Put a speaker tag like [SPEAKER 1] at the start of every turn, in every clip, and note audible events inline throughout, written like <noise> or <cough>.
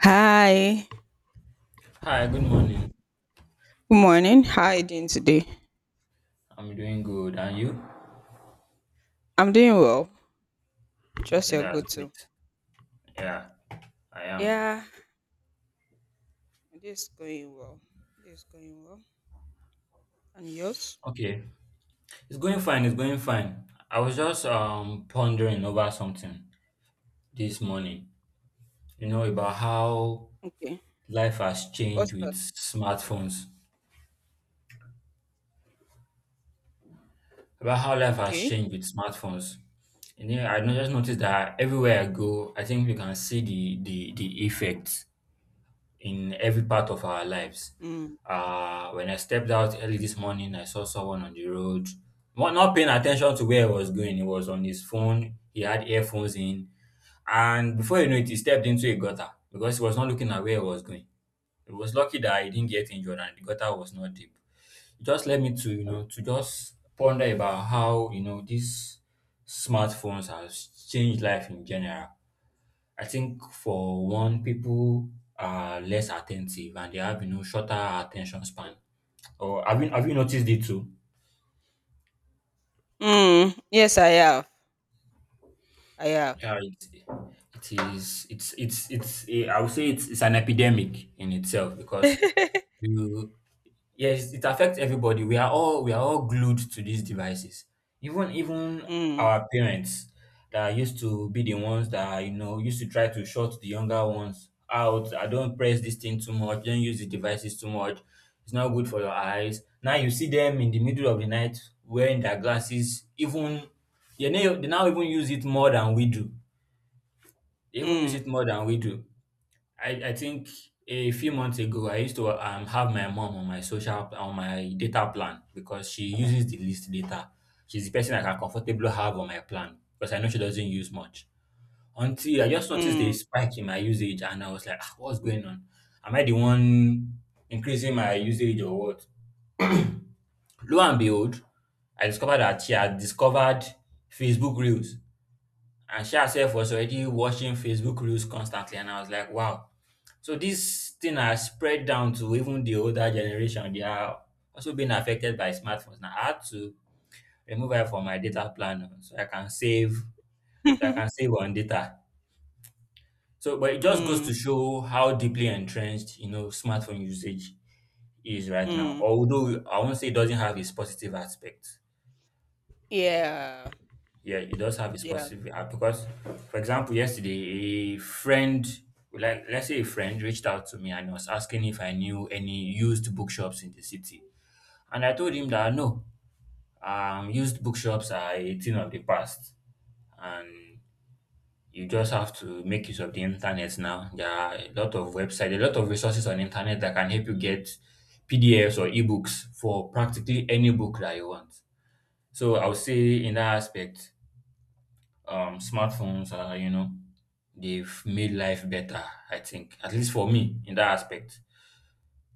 [SPEAKER 1] Hi.
[SPEAKER 2] Hi, good morning.
[SPEAKER 1] Good morning. How are you doing today?
[SPEAKER 2] I'm doing good. And you?
[SPEAKER 1] I'm doing well. Trust
[SPEAKER 2] Okay,
[SPEAKER 1] you're
[SPEAKER 2] that's
[SPEAKER 1] good too.
[SPEAKER 2] great. Yeah, I am.
[SPEAKER 1] Yeah, this is going well. This is going well. And yours?
[SPEAKER 2] Okay. It's going fine, it's going fine. I was just pondering over something this morning, you know, about how
[SPEAKER 1] Okay.
[SPEAKER 2] life has
[SPEAKER 1] What's
[SPEAKER 2] changed with
[SPEAKER 1] that?
[SPEAKER 2] smartphones. About how life has
[SPEAKER 1] Okay.
[SPEAKER 2] changed with smartphones. And then I no- just noticed that everywhere I go, I think you can see the effects in every part of our lives.
[SPEAKER 1] Mm.
[SPEAKER 2] When I stepped out early this morning, I saw someone on the road, not paying attention to where he was going. He was on his phone, he had earphones in, and before you know it, he stepped into a gutter because he was not looking at where he was going. It was lucky that he didn't get injured and the gutter was not deep. It just led me to, you know, to just ponder about how, you know, these smartphones has changed life in general. I think for one, people are less attentive and they have you know shorter attention span. Or have you noticed it too?
[SPEAKER 1] Mm. Yes, I have. I have.
[SPEAKER 2] Yeah, it is. I would say it's an epidemic in itself because
[SPEAKER 1] <laughs>
[SPEAKER 2] you— Yes, it affects everybody. We are all glued to these devices. Even
[SPEAKER 1] Mm.
[SPEAKER 2] our parents that used to be the ones that you know used to try to shut the younger ones out. I don't press this thing too much. Don't use the devices too much. It's not good for your eyes. Now you see them in the middle of the night wearing their glasses. They now even use it more than we do. They even use
[SPEAKER 1] Mm.
[SPEAKER 2] it more than we do. I think a few months ago I used to have my mom on my social on my data plan because she uses the least data. She's the person I can comfortably have on my plan because I know she doesn't use much. Until I just noticed a
[SPEAKER 1] Mm.
[SPEAKER 2] spike in my usage and I was like, "Ah, what's going on? Am I the one increasing my usage or what?" Lo and behold, I discovered that she had discovered Facebook Reels, and she herself was already watching Facebook Reels constantly, and I was like, wow, so this thing has spread down to even the older generation. They are also being affected by smartphones. Now I had to remove it from my data plan oh, so I can
[SPEAKER 1] <laughs>
[SPEAKER 2] save on data. So but it just goes to
[SPEAKER 1] Mm.
[SPEAKER 2] show how deeply entrenched you know smartphone usage is right now.
[SPEAKER 1] Mm.
[SPEAKER 2] Although I won't say it doesn't have its positive aspect.
[SPEAKER 1] Yeah.
[SPEAKER 2] Yeah, it does have its
[SPEAKER 1] Yeah.
[SPEAKER 2] positive aspect because, for example, yesterday a friend— let's say a friend reached out to me and was asking if I knew any used bookshops in the city. And I told him that no, used bookshops are a thing of the past, and you just have to make use of the internet now. There are a lot of websites, a lot of resources on internet that can help you get PDFs or ebooks for practically any book that you want. So I would say in that aspect, smartphones are you know they've made life better. I think at least for me in that aspect.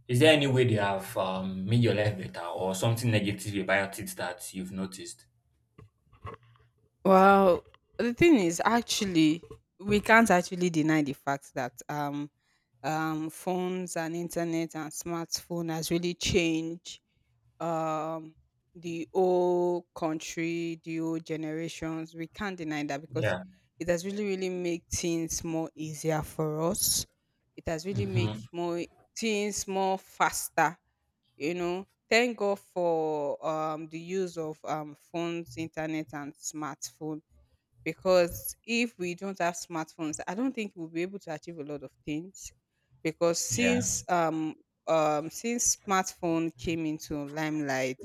[SPEAKER 2] Is there any way they have made your life better or something negative about it that you've noticed?
[SPEAKER 1] Well, the thing is, actually, we can't actually deny the fact that phones and internet and smartphone has really changed um, the whole country, the whole generations. We can't deny that because
[SPEAKER 2] Yeah.
[SPEAKER 1] it has really, really made things more easier for us. It has really made
[SPEAKER 2] Mhm.
[SPEAKER 1] more things more faster. You know, thank God for the use of phones, internet, and smartphone, because if we don't have smartphones, I don't think we'll be able to achieve a lot of things. Because
[SPEAKER 2] Yeah.
[SPEAKER 1] since smartphone came into limelight,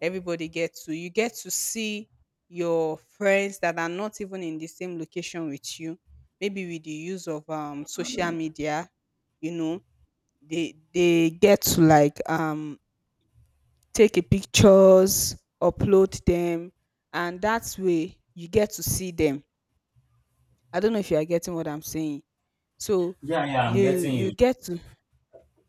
[SPEAKER 1] everybody gets to, you get to see your friends that are not even in the same location with you. Maybe with the use of social media, you know, they get to, like, take a pictures, upload them, and that way you get to see them. I don't know if you are getting what I'm saying. So
[SPEAKER 2] Yeah, yeah, I'm
[SPEAKER 1] you
[SPEAKER 2] getting
[SPEAKER 1] you
[SPEAKER 2] you.
[SPEAKER 1] get to,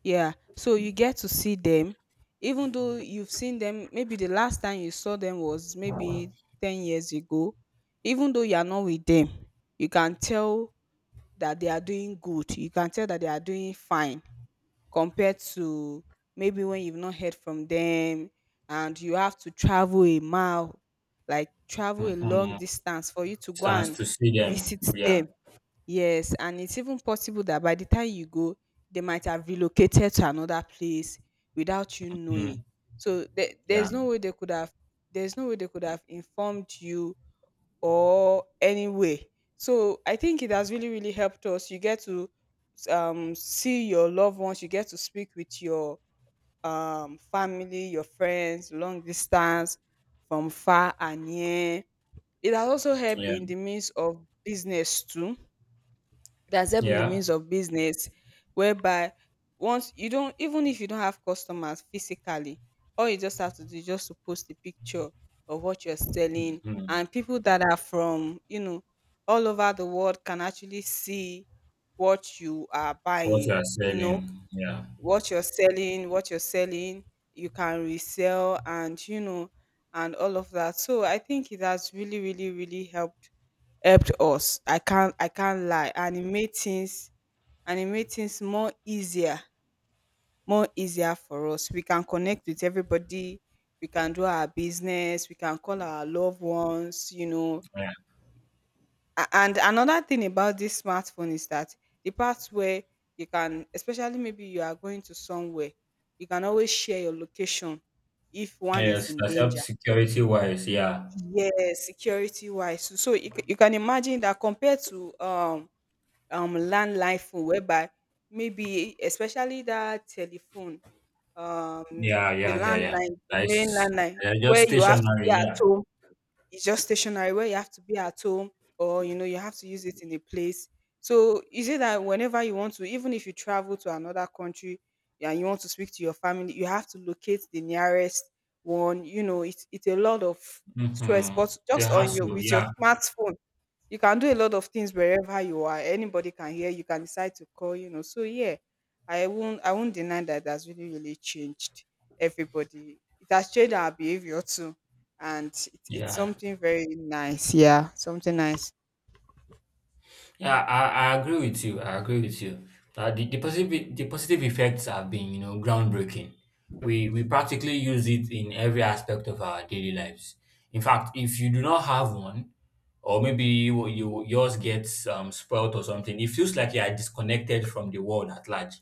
[SPEAKER 1] yeah, so you get to see them, even though you've seen them, maybe the last time you saw them was maybe 10 years ago. Even though you are not with them, you can tell that they are doing good. You can tell that they are doing fine compared to maybe when you've not heard from them and you have to travel a mile, like travel a long
[SPEAKER 2] Mhm.
[SPEAKER 1] distance for you to go
[SPEAKER 2] Stands
[SPEAKER 1] and
[SPEAKER 2] to see them.
[SPEAKER 1] visit
[SPEAKER 2] Yeah.
[SPEAKER 1] them. Yes, and it's even possible that by the time you go, they might have relocated to another place without you knowing.
[SPEAKER 2] Mhm.
[SPEAKER 1] So there,
[SPEAKER 2] Yeah.
[SPEAKER 1] there's no way they could have, there's no way they could have informed you or any way. So I think it has really really helped us. You get to see your loved ones. You get to speak with your family, your friends, long distance, from far and near. It has also helped in the
[SPEAKER 2] Yeah.
[SPEAKER 1] means of business too, there's help in the
[SPEAKER 2] Yeah.
[SPEAKER 1] means of business whereby once you don't, even if you don't have customers physically, all you just have to do is just to post a picture of what you're selling,
[SPEAKER 2] Mhm.
[SPEAKER 1] and people that are from, you know, all over the world can actually see what you are
[SPEAKER 2] What you
[SPEAKER 1] buying,
[SPEAKER 2] are
[SPEAKER 1] you
[SPEAKER 2] selling.
[SPEAKER 1] know,
[SPEAKER 2] Yeah.
[SPEAKER 1] what you're selling, you can resell and you know and all of that. So I think it has really, really, really helped us. I can't lie. And it made things more easier for us. We can connect with everybody, we can do our business, we can call our loved ones, you know.
[SPEAKER 2] Yeah.
[SPEAKER 1] And another thing about this smartphone is that the part where you can, especially maybe you are going to somewhere, you can always share your location if one is
[SPEAKER 2] Yes,
[SPEAKER 1] in
[SPEAKER 2] that's help
[SPEAKER 1] danger.
[SPEAKER 2] security wise. Yeah.
[SPEAKER 1] Yes, security wise. So, so you, you can imagine that compared to landline phone, whereby maybe especially that telephone,
[SPEAKER 2] Yeah,
[SPEAKER 1] the
[SPEAKER 2] yeah, yeah, yeah.
[SPEAKER 1] landline, the main
[SPEAKER 2] Nice.
[SPEAKER 1] landline,
[SPEAKER 2] Yeah, just
[SPEAKER 1] where you have to
[SPEAKER 2] stationary.
[SPEAKER 1] be at
[SPEAKER 2] Yeah.
[SPEAKER 1] home. It's just stationary, where you have to be at home, or you know you have to use it in a place. So is it that whenever you want to, even if you travel to another country and you want to speak to your family, you have to locate the nearest one. You know, it's a lot of stress,
[SPEAKER 2] Mm-hmm.
[SPEAKER 1] but
[SPEAKER 2] The
[SPEAKER 1] just on your,
[SPEAKER 2] hassle.
[SPEAKER 1] with your
[SPEAKER 2] Yeah.
[SPEAKER 1] smartphone, you can do a lot of things wherever you are. Anybody can hear, you can decide to call, you know. So yeah, I won't deny that that's really really changed everybody. It has changed our behavior too, and it's
[SPEAKER 2] Yeah.
[SPEAKER 1] something very nice, yeah, something nice.
[SPEAKER 2] Yeah, I agree with you. I agree with you. The positive— the positive effects have been, you know, groundbreaking. We practically use it in every aspect of our daily lives. In fact, if you do not have one, or maybe you yours gets spoiled or something, it feels like you are disconnected from the world at large,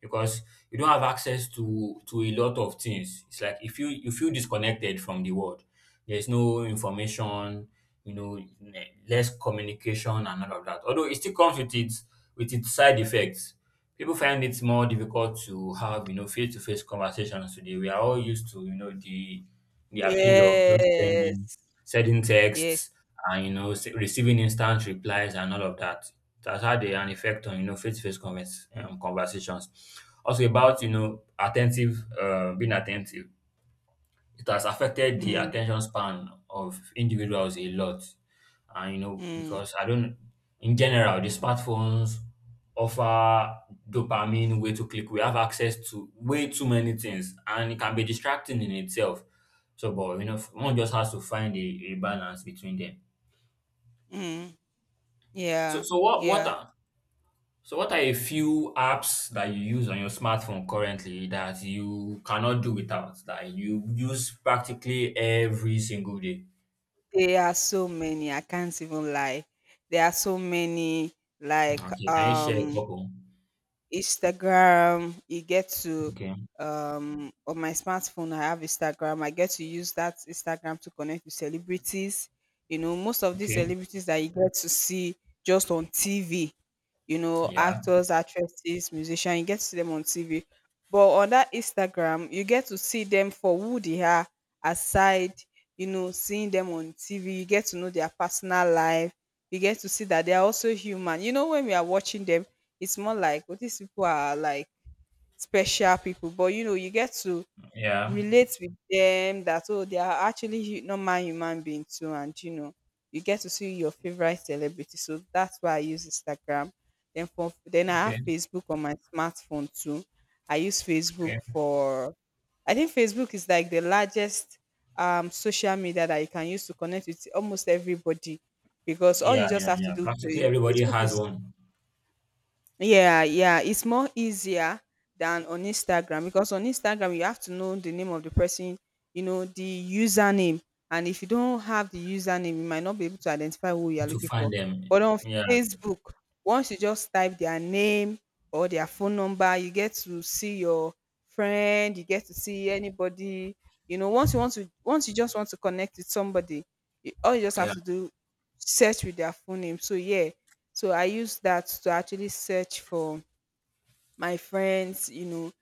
[SPEAKER 2] because you don't have access to a lot of things. It's like if you feel disconnected from the world. There's no information, you know, less communication and all of that. Although it still comes with its— with its side effects. People find it more difficult to have, you know, face-to-face conversations today. We are all used to, you know, the— the appeal of just
[SPEAKER 1] Yes,
[SPEAKER 2] sending
[SPEAKER 1] yes.
[SPEAKER 2] texts and you know receiving instant replies and all of that. That's had an effect on you know face-to-face conversations. Also about you know attentive, being attentive, it has affected the
[SPEAKER 1] mm,
[SPEAKER 2] attention span of individuals a lot. And you know,
[SPEAKER 1] mm,
[SPEAKER 2] because I don't, in general, the smartphones offer dopamine, way to click. We have access to way too many things, and it can be distracting in itself. So, but you know, one just has to find a balance between them.
[SPEAKER 1] mm.
[SPEAKER 2] So,
[SPEAKER 1] Yeah,
[SPEAKER 2] so what
[SPEAKER 1] yeah,
[SPEAKER 2] are so what are a few apps that you use on your smartphone currently that you cannot do without that you use practically every single day?
[SPEAKER 1] there are so many, I can't even lie, there are so many, like,
[SPEAKER 2] Okay, can you share a couple?
[SPEAKER 1] Instagram. You get to,
[SPEAKER 2] Okay,
[SPEAKER 1] on my smartphone I have Instagram. I get to use that Instagram to connect with celebrities. You know, most of these
[SPEAKER 2] okay,
[SPEAKER 1] celebrities that you get to see just on TV, you know,
[SPEAKER 2] yeah,
[SPEAKER 1] actors, actresses, musicians, you get to see them on TV. But on that Instagram, you get to see them for who they are, aside, you know, seeing them on TV, you get to know their personal life, you get to see that they are also human. You know, when we are watching them, it's more like, well, these people are like special people, but you know, you get to
[SPEAKER 2] yeah,
[SPEAKER 1] relate with them that, oh, they are actually normal human beings too, and you know you get to see your favorite celebrity. So that's why I use Instagram. Then for, then I have
[SPEAKER 2] okay,
[SPEAKER 1] Facebook on my smartphone too. I use
[SPEAKER 2] okay,
[SPEAKER 1] Facebook for, I think Facebook is like the largest social media that you can use to connect with almost everybody, because all
[SPEAKER 2] yeah,
[SPEAKER 1] you just
[SPEAKER 2] yeah,
[SPEAKER 1] have to
[SPEAKER 2] yeah.
[SPEAKER 1] do,
[SPEAKER 2] Practically everybody
[SPEAKER 1] Facebook
[SPEAKER 2] has
[SPEAKER 1] is,
[SPEAKER 2] one
[SPEAKER 1] yeah, yeah, it's more easier than on Instagram, because on Instagram you have to know the name of the person, you know, the username. And if you don't have the username, you might not be able to identify who you are
[SPEAKER 2] to
[SPEAKER 1] looking for.
[SPEAKER 2] find them.
[SPEAKER 1] But on
[SPEAKER 2] Yeah,
[SPEAKER 1] Facebook, once you just type their name or their phone number, you get to see your friend, you get to see anybody. You know, once you want to, once you just want to connect with somebody, you, all you just
[SPEAKER 2] yeah,
[SPEAKER 1] have to do, search with their full name. So yeah, so I use that to actually search for my friends, you know,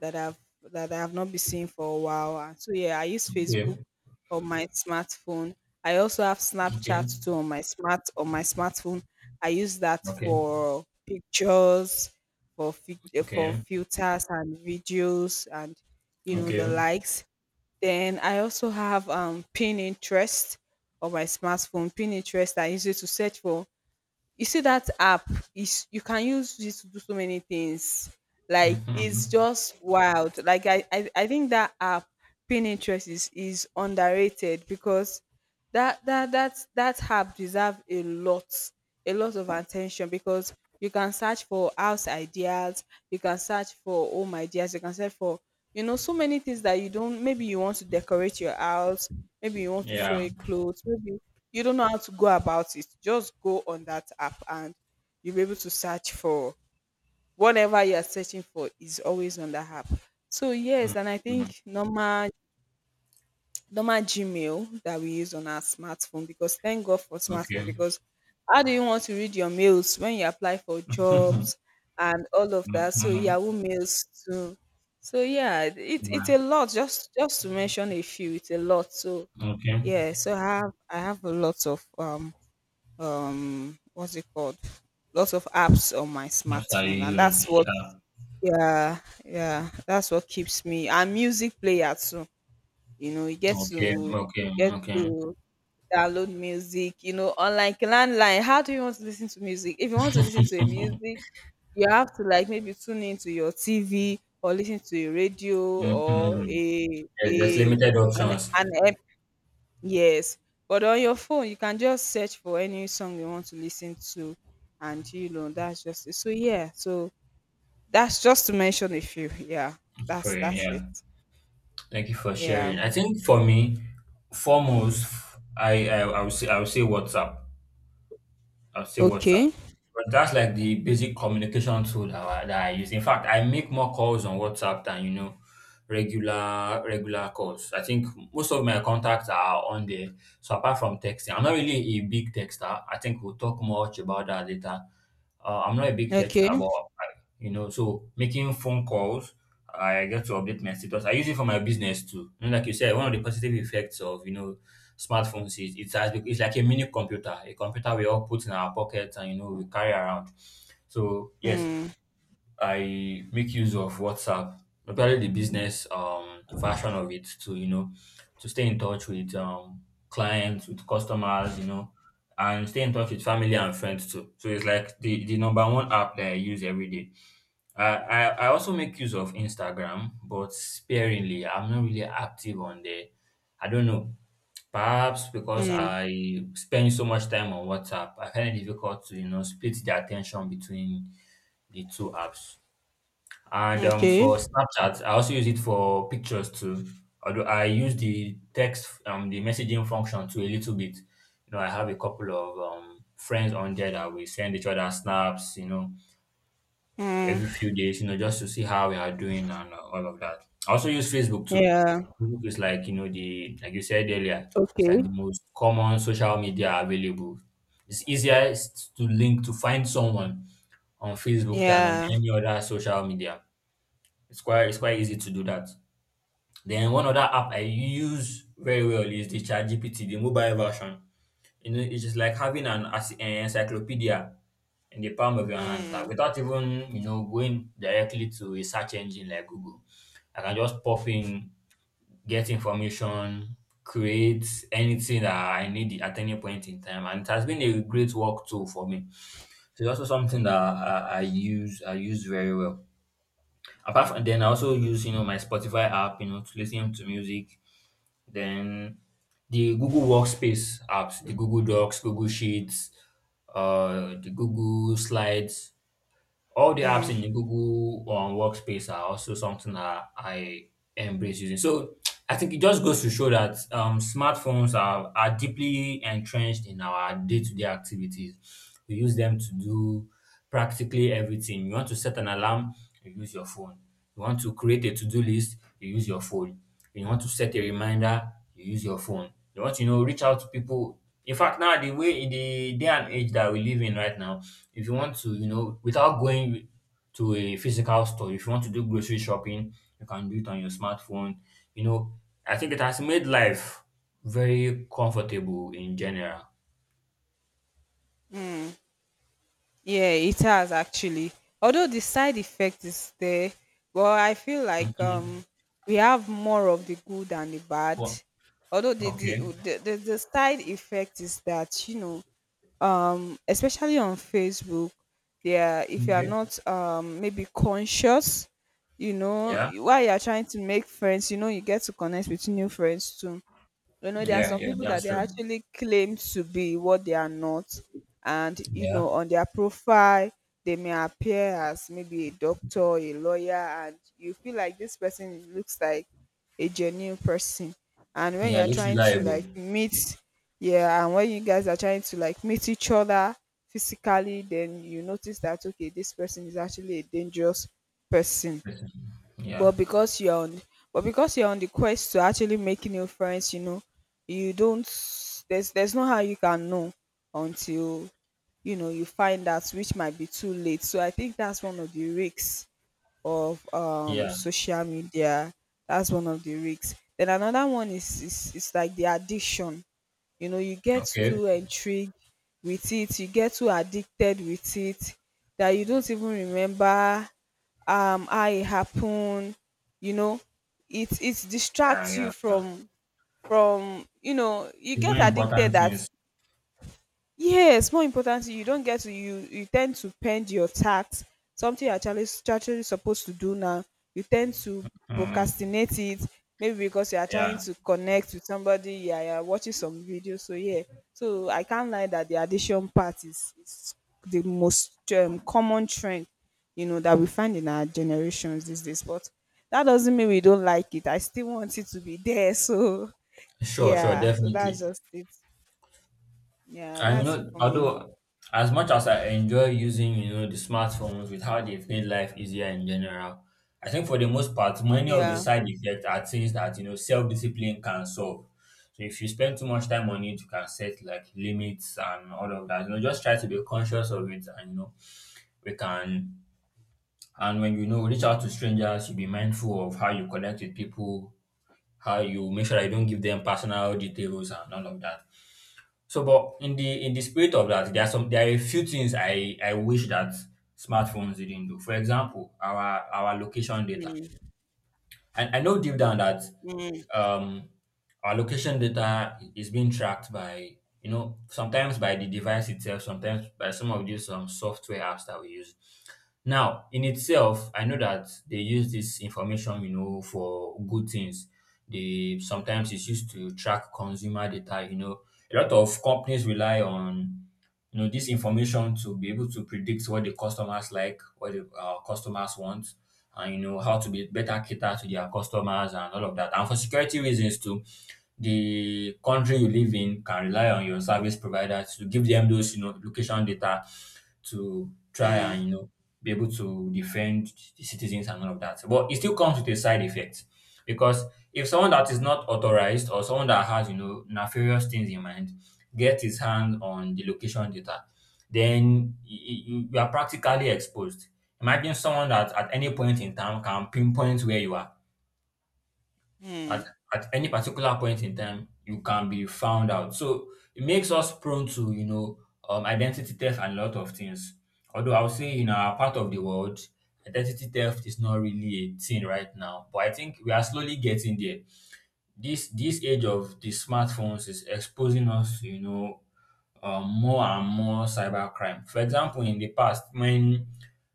[SPEAKER 1] that I've that I have not been seeing for a while. And so yeah, I use Facebook
[SPEAKER 2] okay,
[SPEAKER 1] on my smartphone. I also have
[SPEAKER 2] okay,
[SPEAKER 1] Snapchat too on my smart on my smartphone. I use that
[SPEAKER 2] okay,
[SPEAKER 1] for pictures, for for
[SPEAKER 2] okay,
[SPEAKER 1] filters and videos, and you know the
[SPEAKER 2] okay.
[SPEAKER 1] likes. Then I also have Pinterest on my smartphone. Pinterest, I use it to search for, you see that app is, you can use it to do so many things. Like it's
[SPEAKER 2] Mm-hmm.
[SPEAKER 1] just wild. Like I think that app, Pinterest, is underrated, because that app deserve a lot, a lot of attention, because you can search for house ideas, you can search for home ideas, you can search for, you know, so many things that you don't, maybe you want to decorate your house, maybe you want to sew
[SPEAKER 2] Yeah,
[SPEAKER 1] a clothes, maybe you don't know how to go about it, just go on that app and you'll be able to search for whatever you are searching for, is always on the app. So yes, and I
[SPEAKER 2] mm-hmm.
[SPEAKER 1] think normal, normal Gmail that we use on our smartphone, because thank God for smartphone,
[SPEAKER 2] Okay.
[SPEAKER 1] because how do you want to read your mails when you apply for
[SPEAKER 2] <laughs> mm-hmm.
[SPEAKER 1] jobs and all of that. So Yahoo mails too. So yeah, it's
[SPEAKER 2] Yeah,
[SPEAKER 1] a lot, just to mention a few, it's a lot. So
[SPEAKER 2] okay.
[SPEAKER 1] yeah, so I have a lot of what's it called, lots of apps on my
[SPEAKER 2] Not that
[SPEAKER 1] smartphone,
[SPEAKER 2] you
[SPEAKER 1] and
[SPEAKER 2] use.
[SPEAKER 1] that's what,
[SPEAKER 2] Yeah,
[SPEAKER 1] yeah, yeah, that's what keeps me, and music player too. You know you get
[SPEAKER 2] okay,
[SPEAKER 1] to,
[SPEAKER 2] okay,
[SPEAKER 1] get
[SPEAKER 2] okay.
[SPEAKER 1] to download music, you know, unlike landline, how do you want to listen to music, if you want to listen to a music, you have to like maybe tune into your TV or listen to a radio,
[SPEAKER 2] Mm-hmm.
[SPEAKER 1] or
[SPEAKER 2] Yeah, there's limited
[SPEAKER 1] an,
[SPEAKER 2] options
[SPEAKER 1] an Yes, but on your phone, you can just search for any song you want to listen to, and you know, that's just it. So yeah, so that's just to mention a few. Yeah,
[SPEAKER 2] for
[SPEAKER 1] that's
[SPEAKER 2] you.
[SPEAKER 1] that's it.
[SPEAKER 2] Yeah. Thank you for
[SPEAKER 1] Yeah.
[SPEAKER 2] sharing. I think for me, foremost, I would say WhatsApp. I'll say WhatsApp.
[SPEAKER 1] Okay.
[SPEAKER 2] But that's like the basic communication tool that I use. In fact, I make more calls on WhatsApp than you know regular calls. I think most of my contacts are on there. So apart from texting, I'm not really a big texter. I think we'll talk much about that later. I'm not a big
[SPEAKER 1] Okay.
[SPEAKER 2] texter, but I— you know, so making phone calls, I get to update my status. I use it for my business too. You know, like you said, one of the positive effects of you know smartphones is— it's as big, it's like a mini computer, a computer we all put in our pockets and you know we carry around. So yes,
[SPEAKER 1] Hmm.
[SPEAKER 2] I make use of WhatsApp, especially the business version of it to you know to stay in touch with clients, with customers, you know, and stay in touch with family and friends too. So it's like the number one app that I use every day. I I, also make use of Instagram, but sparingly. I'm not really active on there. I don't know. Perhaps because
[SPEAKER 1] Hmm.
[SPEAKER 2] I spend so much time on WhatsApp, I find it difficult to, you know, split the attention between the two apps. And
[SPEAKER 1] Okay.
[SPEAKER 2] for Snapchat, I also use it for pictures too. Although I use the text, the messaging function to a little bit. You know, I have a couple of friends on there that we send each other snaps, you know,
[SPEAKER 1] Hmm.
[SPEAKER 2] every few days, you know, just to see how we are doing and all of that. I also use Facebook too.
[SPEAKER 1] Yeah.
[SPEAKER 2] Facebook is like, you know, the, like you said earlier, it's like
[SPEAKER 1] Okay.
[SPEAKER 2] the most common social media available. It's easier to link, to find someone on Facebook than on
[SPEAKER 1] Yeah.
[SPEAKER 2] any other social media. It's quite easy to do that. Then one other app I use very well is the ChatGPT, the mobile version. You know, it is just like having an encyclopedia in the palm of your hands. Like without even, you know, going directly to a search engine like Google. I can just pop in, get information, create anything that I need at any point in time. And it has been a great work tool for me. So it's also something that I use very well. Apart from then I also use, you know, my Spotify app, you know, to listen to music. Then the Google Workspace apps, the Google Docs, Google Sheets, the Google Slides. All the apps
[SPEAKER 1] Hmm.
[SPEAKER 2] in the Google Workspace are also something that I embrace using. So I think it just goes to show that smartphones are deeply entrenched in our day to day activities. We use them to do practically everything. You want to set an alarm, you use your phone. You want to create a to do list, you use your phone. You want to set a reminder, you use your phone. You want to you know reach out to people. In fact, now the way in the day and age that we live in right now, if you want to, you know, without going to a physical store, if you want to do grocery shopping, you can do it on your smartphone. You know, I think it has made life very comfortable in general.
[SPEAKER 1] Yeah, it has actually. Although the side effect is there, but I feel like
[SPEAKER 2] Mm-hmm.
[SPEAKER 1] we have more of the good than the bad.
[SPEAKER 2] Well,
[SPEAKER 1] Although the
[SPEAKER 2] okay.
[SPEAKER 1] the the, the, the side effect is that, you know, especially on Facebook, there, if you are
[SPEAKER 2] Okay.
[SPEAKER 1] not maybe conscious, you know,
[SPEAKER 2] Yeah.
[SPEAKER 1] while you are trying to make friends, you know you get to connect with new friends too, you know, there are
[SPEAKER 2] Yeah.
[SPEAKER 1] some
[SPEAKER 2] Yeah.
[SPEAKER 1] people that
[SPEAKER 2] That's
[SPEAKER 1] they
[SPEAKER 2] true.
[SPEAKER 1] actually claim to be what they are not. And, you
[SPEAKER 2] Yeah.
[SPEAKER 1] know, on their profile, they may appear as maybe a doctor, a lawyer, and you feel like this person looks like a genuine person. And when
[SPEAKER 2] Yeah. It
[SPEAKER 1] you're
[SPEAKER 2] looks
[SPEAKER 1] trying to
[SPEAKER 2] reliable.
[SPEAKER 1] like meet, yeah, and when you guys are trying to like meet each other physically, then you notice that, okay, this person is actually a dangerous person,
[SPEAKER 2] Yeah.
[SPEAKER 1] but because you're on, but because you're on the quest to actually make new friends, you know, you don't, there's no how you can know until, you know, you find out, which might be too late. So I think that's one of the risks of
[SPEAKER 2] Yeah.
[SPEAKER 1] social media. That's one of the risks. Then another one is like the addiction. You know, you get
[SPEAKER 2] Okay.
[SPEAKER 1] too intrigued with it, you get too addicted with it that you don't even remember how it happened. You know, it
[SPEAKER 2] Yeah.
[SPEAKER 1] distracts
[SPEAKER 2] Yeah.
[SPEAKER 1] you
[SPEAKER 2] Yeah.
[SPEAKER 1] from, you know, you
[SPEAKER 2] The more
[SPEAKER 1] get addicted
[SPEAKER 2] important
[SPEAKER 1] that
[SPEAKER 2] things.
[SPEAKER 1] Yes, more importantly, you don't get to, you tend to pend your tax, something you're actually actually supposed to do now. You tend to
[SPEAKER 2] Mm.
[SPEAKER 1] procrastinate it, maybe because you are trying
[SPEAKER 2] Yeah.
[SPEAKER 1] to connect with somebody, yeah, you're watching some videos. So yeah. So I can't lie that the addiction part is the most common trend, you know, that we find in our generations these days. But that doesn't mean we don't like it. I still want it to be there. <laughs> So
[SPEAKER 2] Sure. Sure.
[SPEAKER 1] yeah, so
[SPEAKER 2] Definitely.
[SPEAKER 1] that's just it. Yeah,
[SPEAKER 2] And you
[SPEAKER 1] that's it
[SPEAKER 2] know,
[SPEAKER 1] for me.
[SPEAKER 2] although as much as I enjoy using, you know, the smartphones with how they've made life easier in general, I think for the most part, many of the
[SPEAKER 1] Yeah.
[SPEAKER 2] side effects are things that self-discipline can solve. So if you spend too much time on it, you can set like limits and all of that. You know, just try to be conscious of it, and we can. And when reach out to strangers, you be mindful of how you connect with people, how you make sure that you don't give them personal details and all of that. So, but in the spirit of that, there are a few things I wish that smartphones didn't do. For example, our location data. And I know deep down that
[SPEAKER 1] Mm,
[SPEAKER 2] um, our location data is being tracked by, you know, sometimes by the device itself, sometimes by some of these software apps that we use. Now, in itself, I know that they use this information, you know, for good things. They sometimes it's used to track consumer data. You know, a lot of companies rely on this information to be able to predict what the customers like, what the customers want, and you know how to be better cater to their customers and all of that, and for security reasons too, the country you live in can rely on your service provider to give them those, location data to try
[SPEAKER 1] mm,
[SPEAKER 2] and be able to defend the citizens and all of that, but it still comes with a side effect. Because if someone that is not authorized or someone that has, nefarious things in mind get his hand on the location data, then you are practically exposed. Imagine someone that at any point in time can pinpoint where you are.
[SPEAKER 1] mm,
[SPEAKER 2] At, at any particular point in time, you can be found out. So it makes us prone to, you know, identity theft and a lot of things. Although I would say in our part of the world, identity theft is not really a thing right now, but I think we are slowly getting there. This age of the smartphones is exposing us to, more and more cybercrime. For example, in the past, when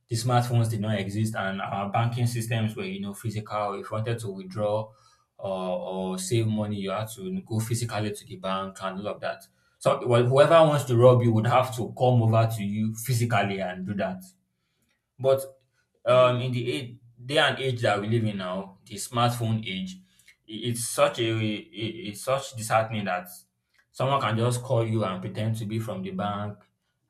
[SPEAKER 2] the smartphones did not exist and our banking systems were, physical, if you wanted to withdraw or save money, you had to go physically to the bank and all of that. So whoever wants to rob you would have to come over to you physically and do that. But um, in the age, day and age that we live in now, the smartphone age, i- it's such a i- it's such disheartening that someone can just call you and pretend to be from the bank,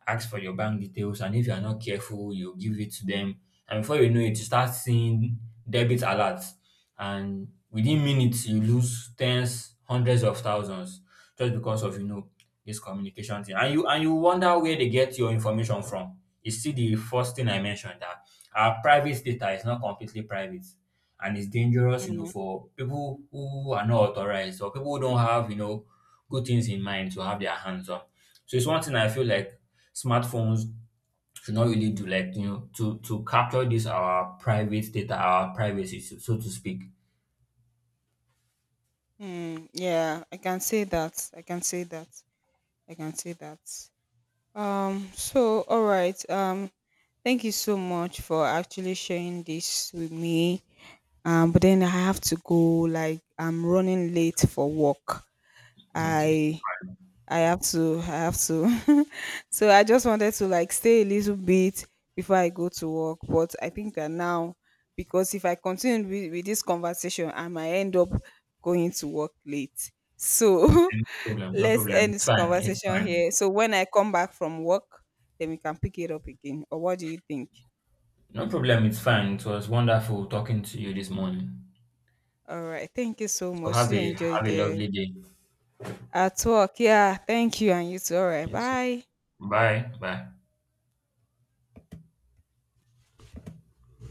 [SPEAKER 2] ask for your bank details, and if you are not careful, you give it to them, and before you know it, you start seeing debit alerts, and within minutes you lose tens, hundreds of thousands just because of, this communication thing. And you wonder where they get your information from. You see, the first thing I mentioned, that our private data is not completely private, and it's dangerous, you know,
[SPEAKER 1] mm,
[SPEAKER 2] for people who are not authorized or people who don't have, you know, good things in mind, to have their hands on. So it's one thing I feel like smartphones should not really do, like, you know, to capture this our private data, our privacy, so, so to speak.
[SPEAKER 1] mm. Yeah, I can say that. I can say that. I can say that. So all right. Thank you so much for actually sharing this with me. But then I have to go, like I'm running late for work.
[SPEAKER 2] Okay.
[SPEAKER 1] I I have to. I have to. <laughs> So I just wanted to like stay a little bit before I go to work. But I think that now, because if I continue with this conversation, I might end up going to work late.
[SPEAKER 2] No
[SPEAKER 1] So <laughs>
[SPEAKER 2] problem. No
[SPEAKER 1] let's
[SPEAKER 2] problem.
[SPEAKER 1] end
[SPEAKER 2] It's
[SPEAKER 1] this
[SPEAKER 2] fine. It's
[SPEAKER 1] conversation
[SPEAKER 2] fine.
[SPEAKER 1] here. So when I come back from work, then we can pick it up again. Or what do you think?
[SPEAKER 2] No problem. It's fine. It was wonderful talking to you this morning.
[SPEAKER 1] All right. Thank you so
[SPEAKER 2] So
[SPEAKER 1] much.
[SPEAKER 2] have
[SPEAKER 1] You
[SPEAKER 2] a
[SPEAKER 1] enjoy
[SPEAKER 2] have a
[SPEAKER 1] the
[SPEAKER 2] lovely day.
[SPEAKER 1] at work. Yeah. Thank you. And you too. All right.
[SPEAKER 2] You too.
[SPEAKER 1] Bye.
[SPEAKER 2] Bye bye.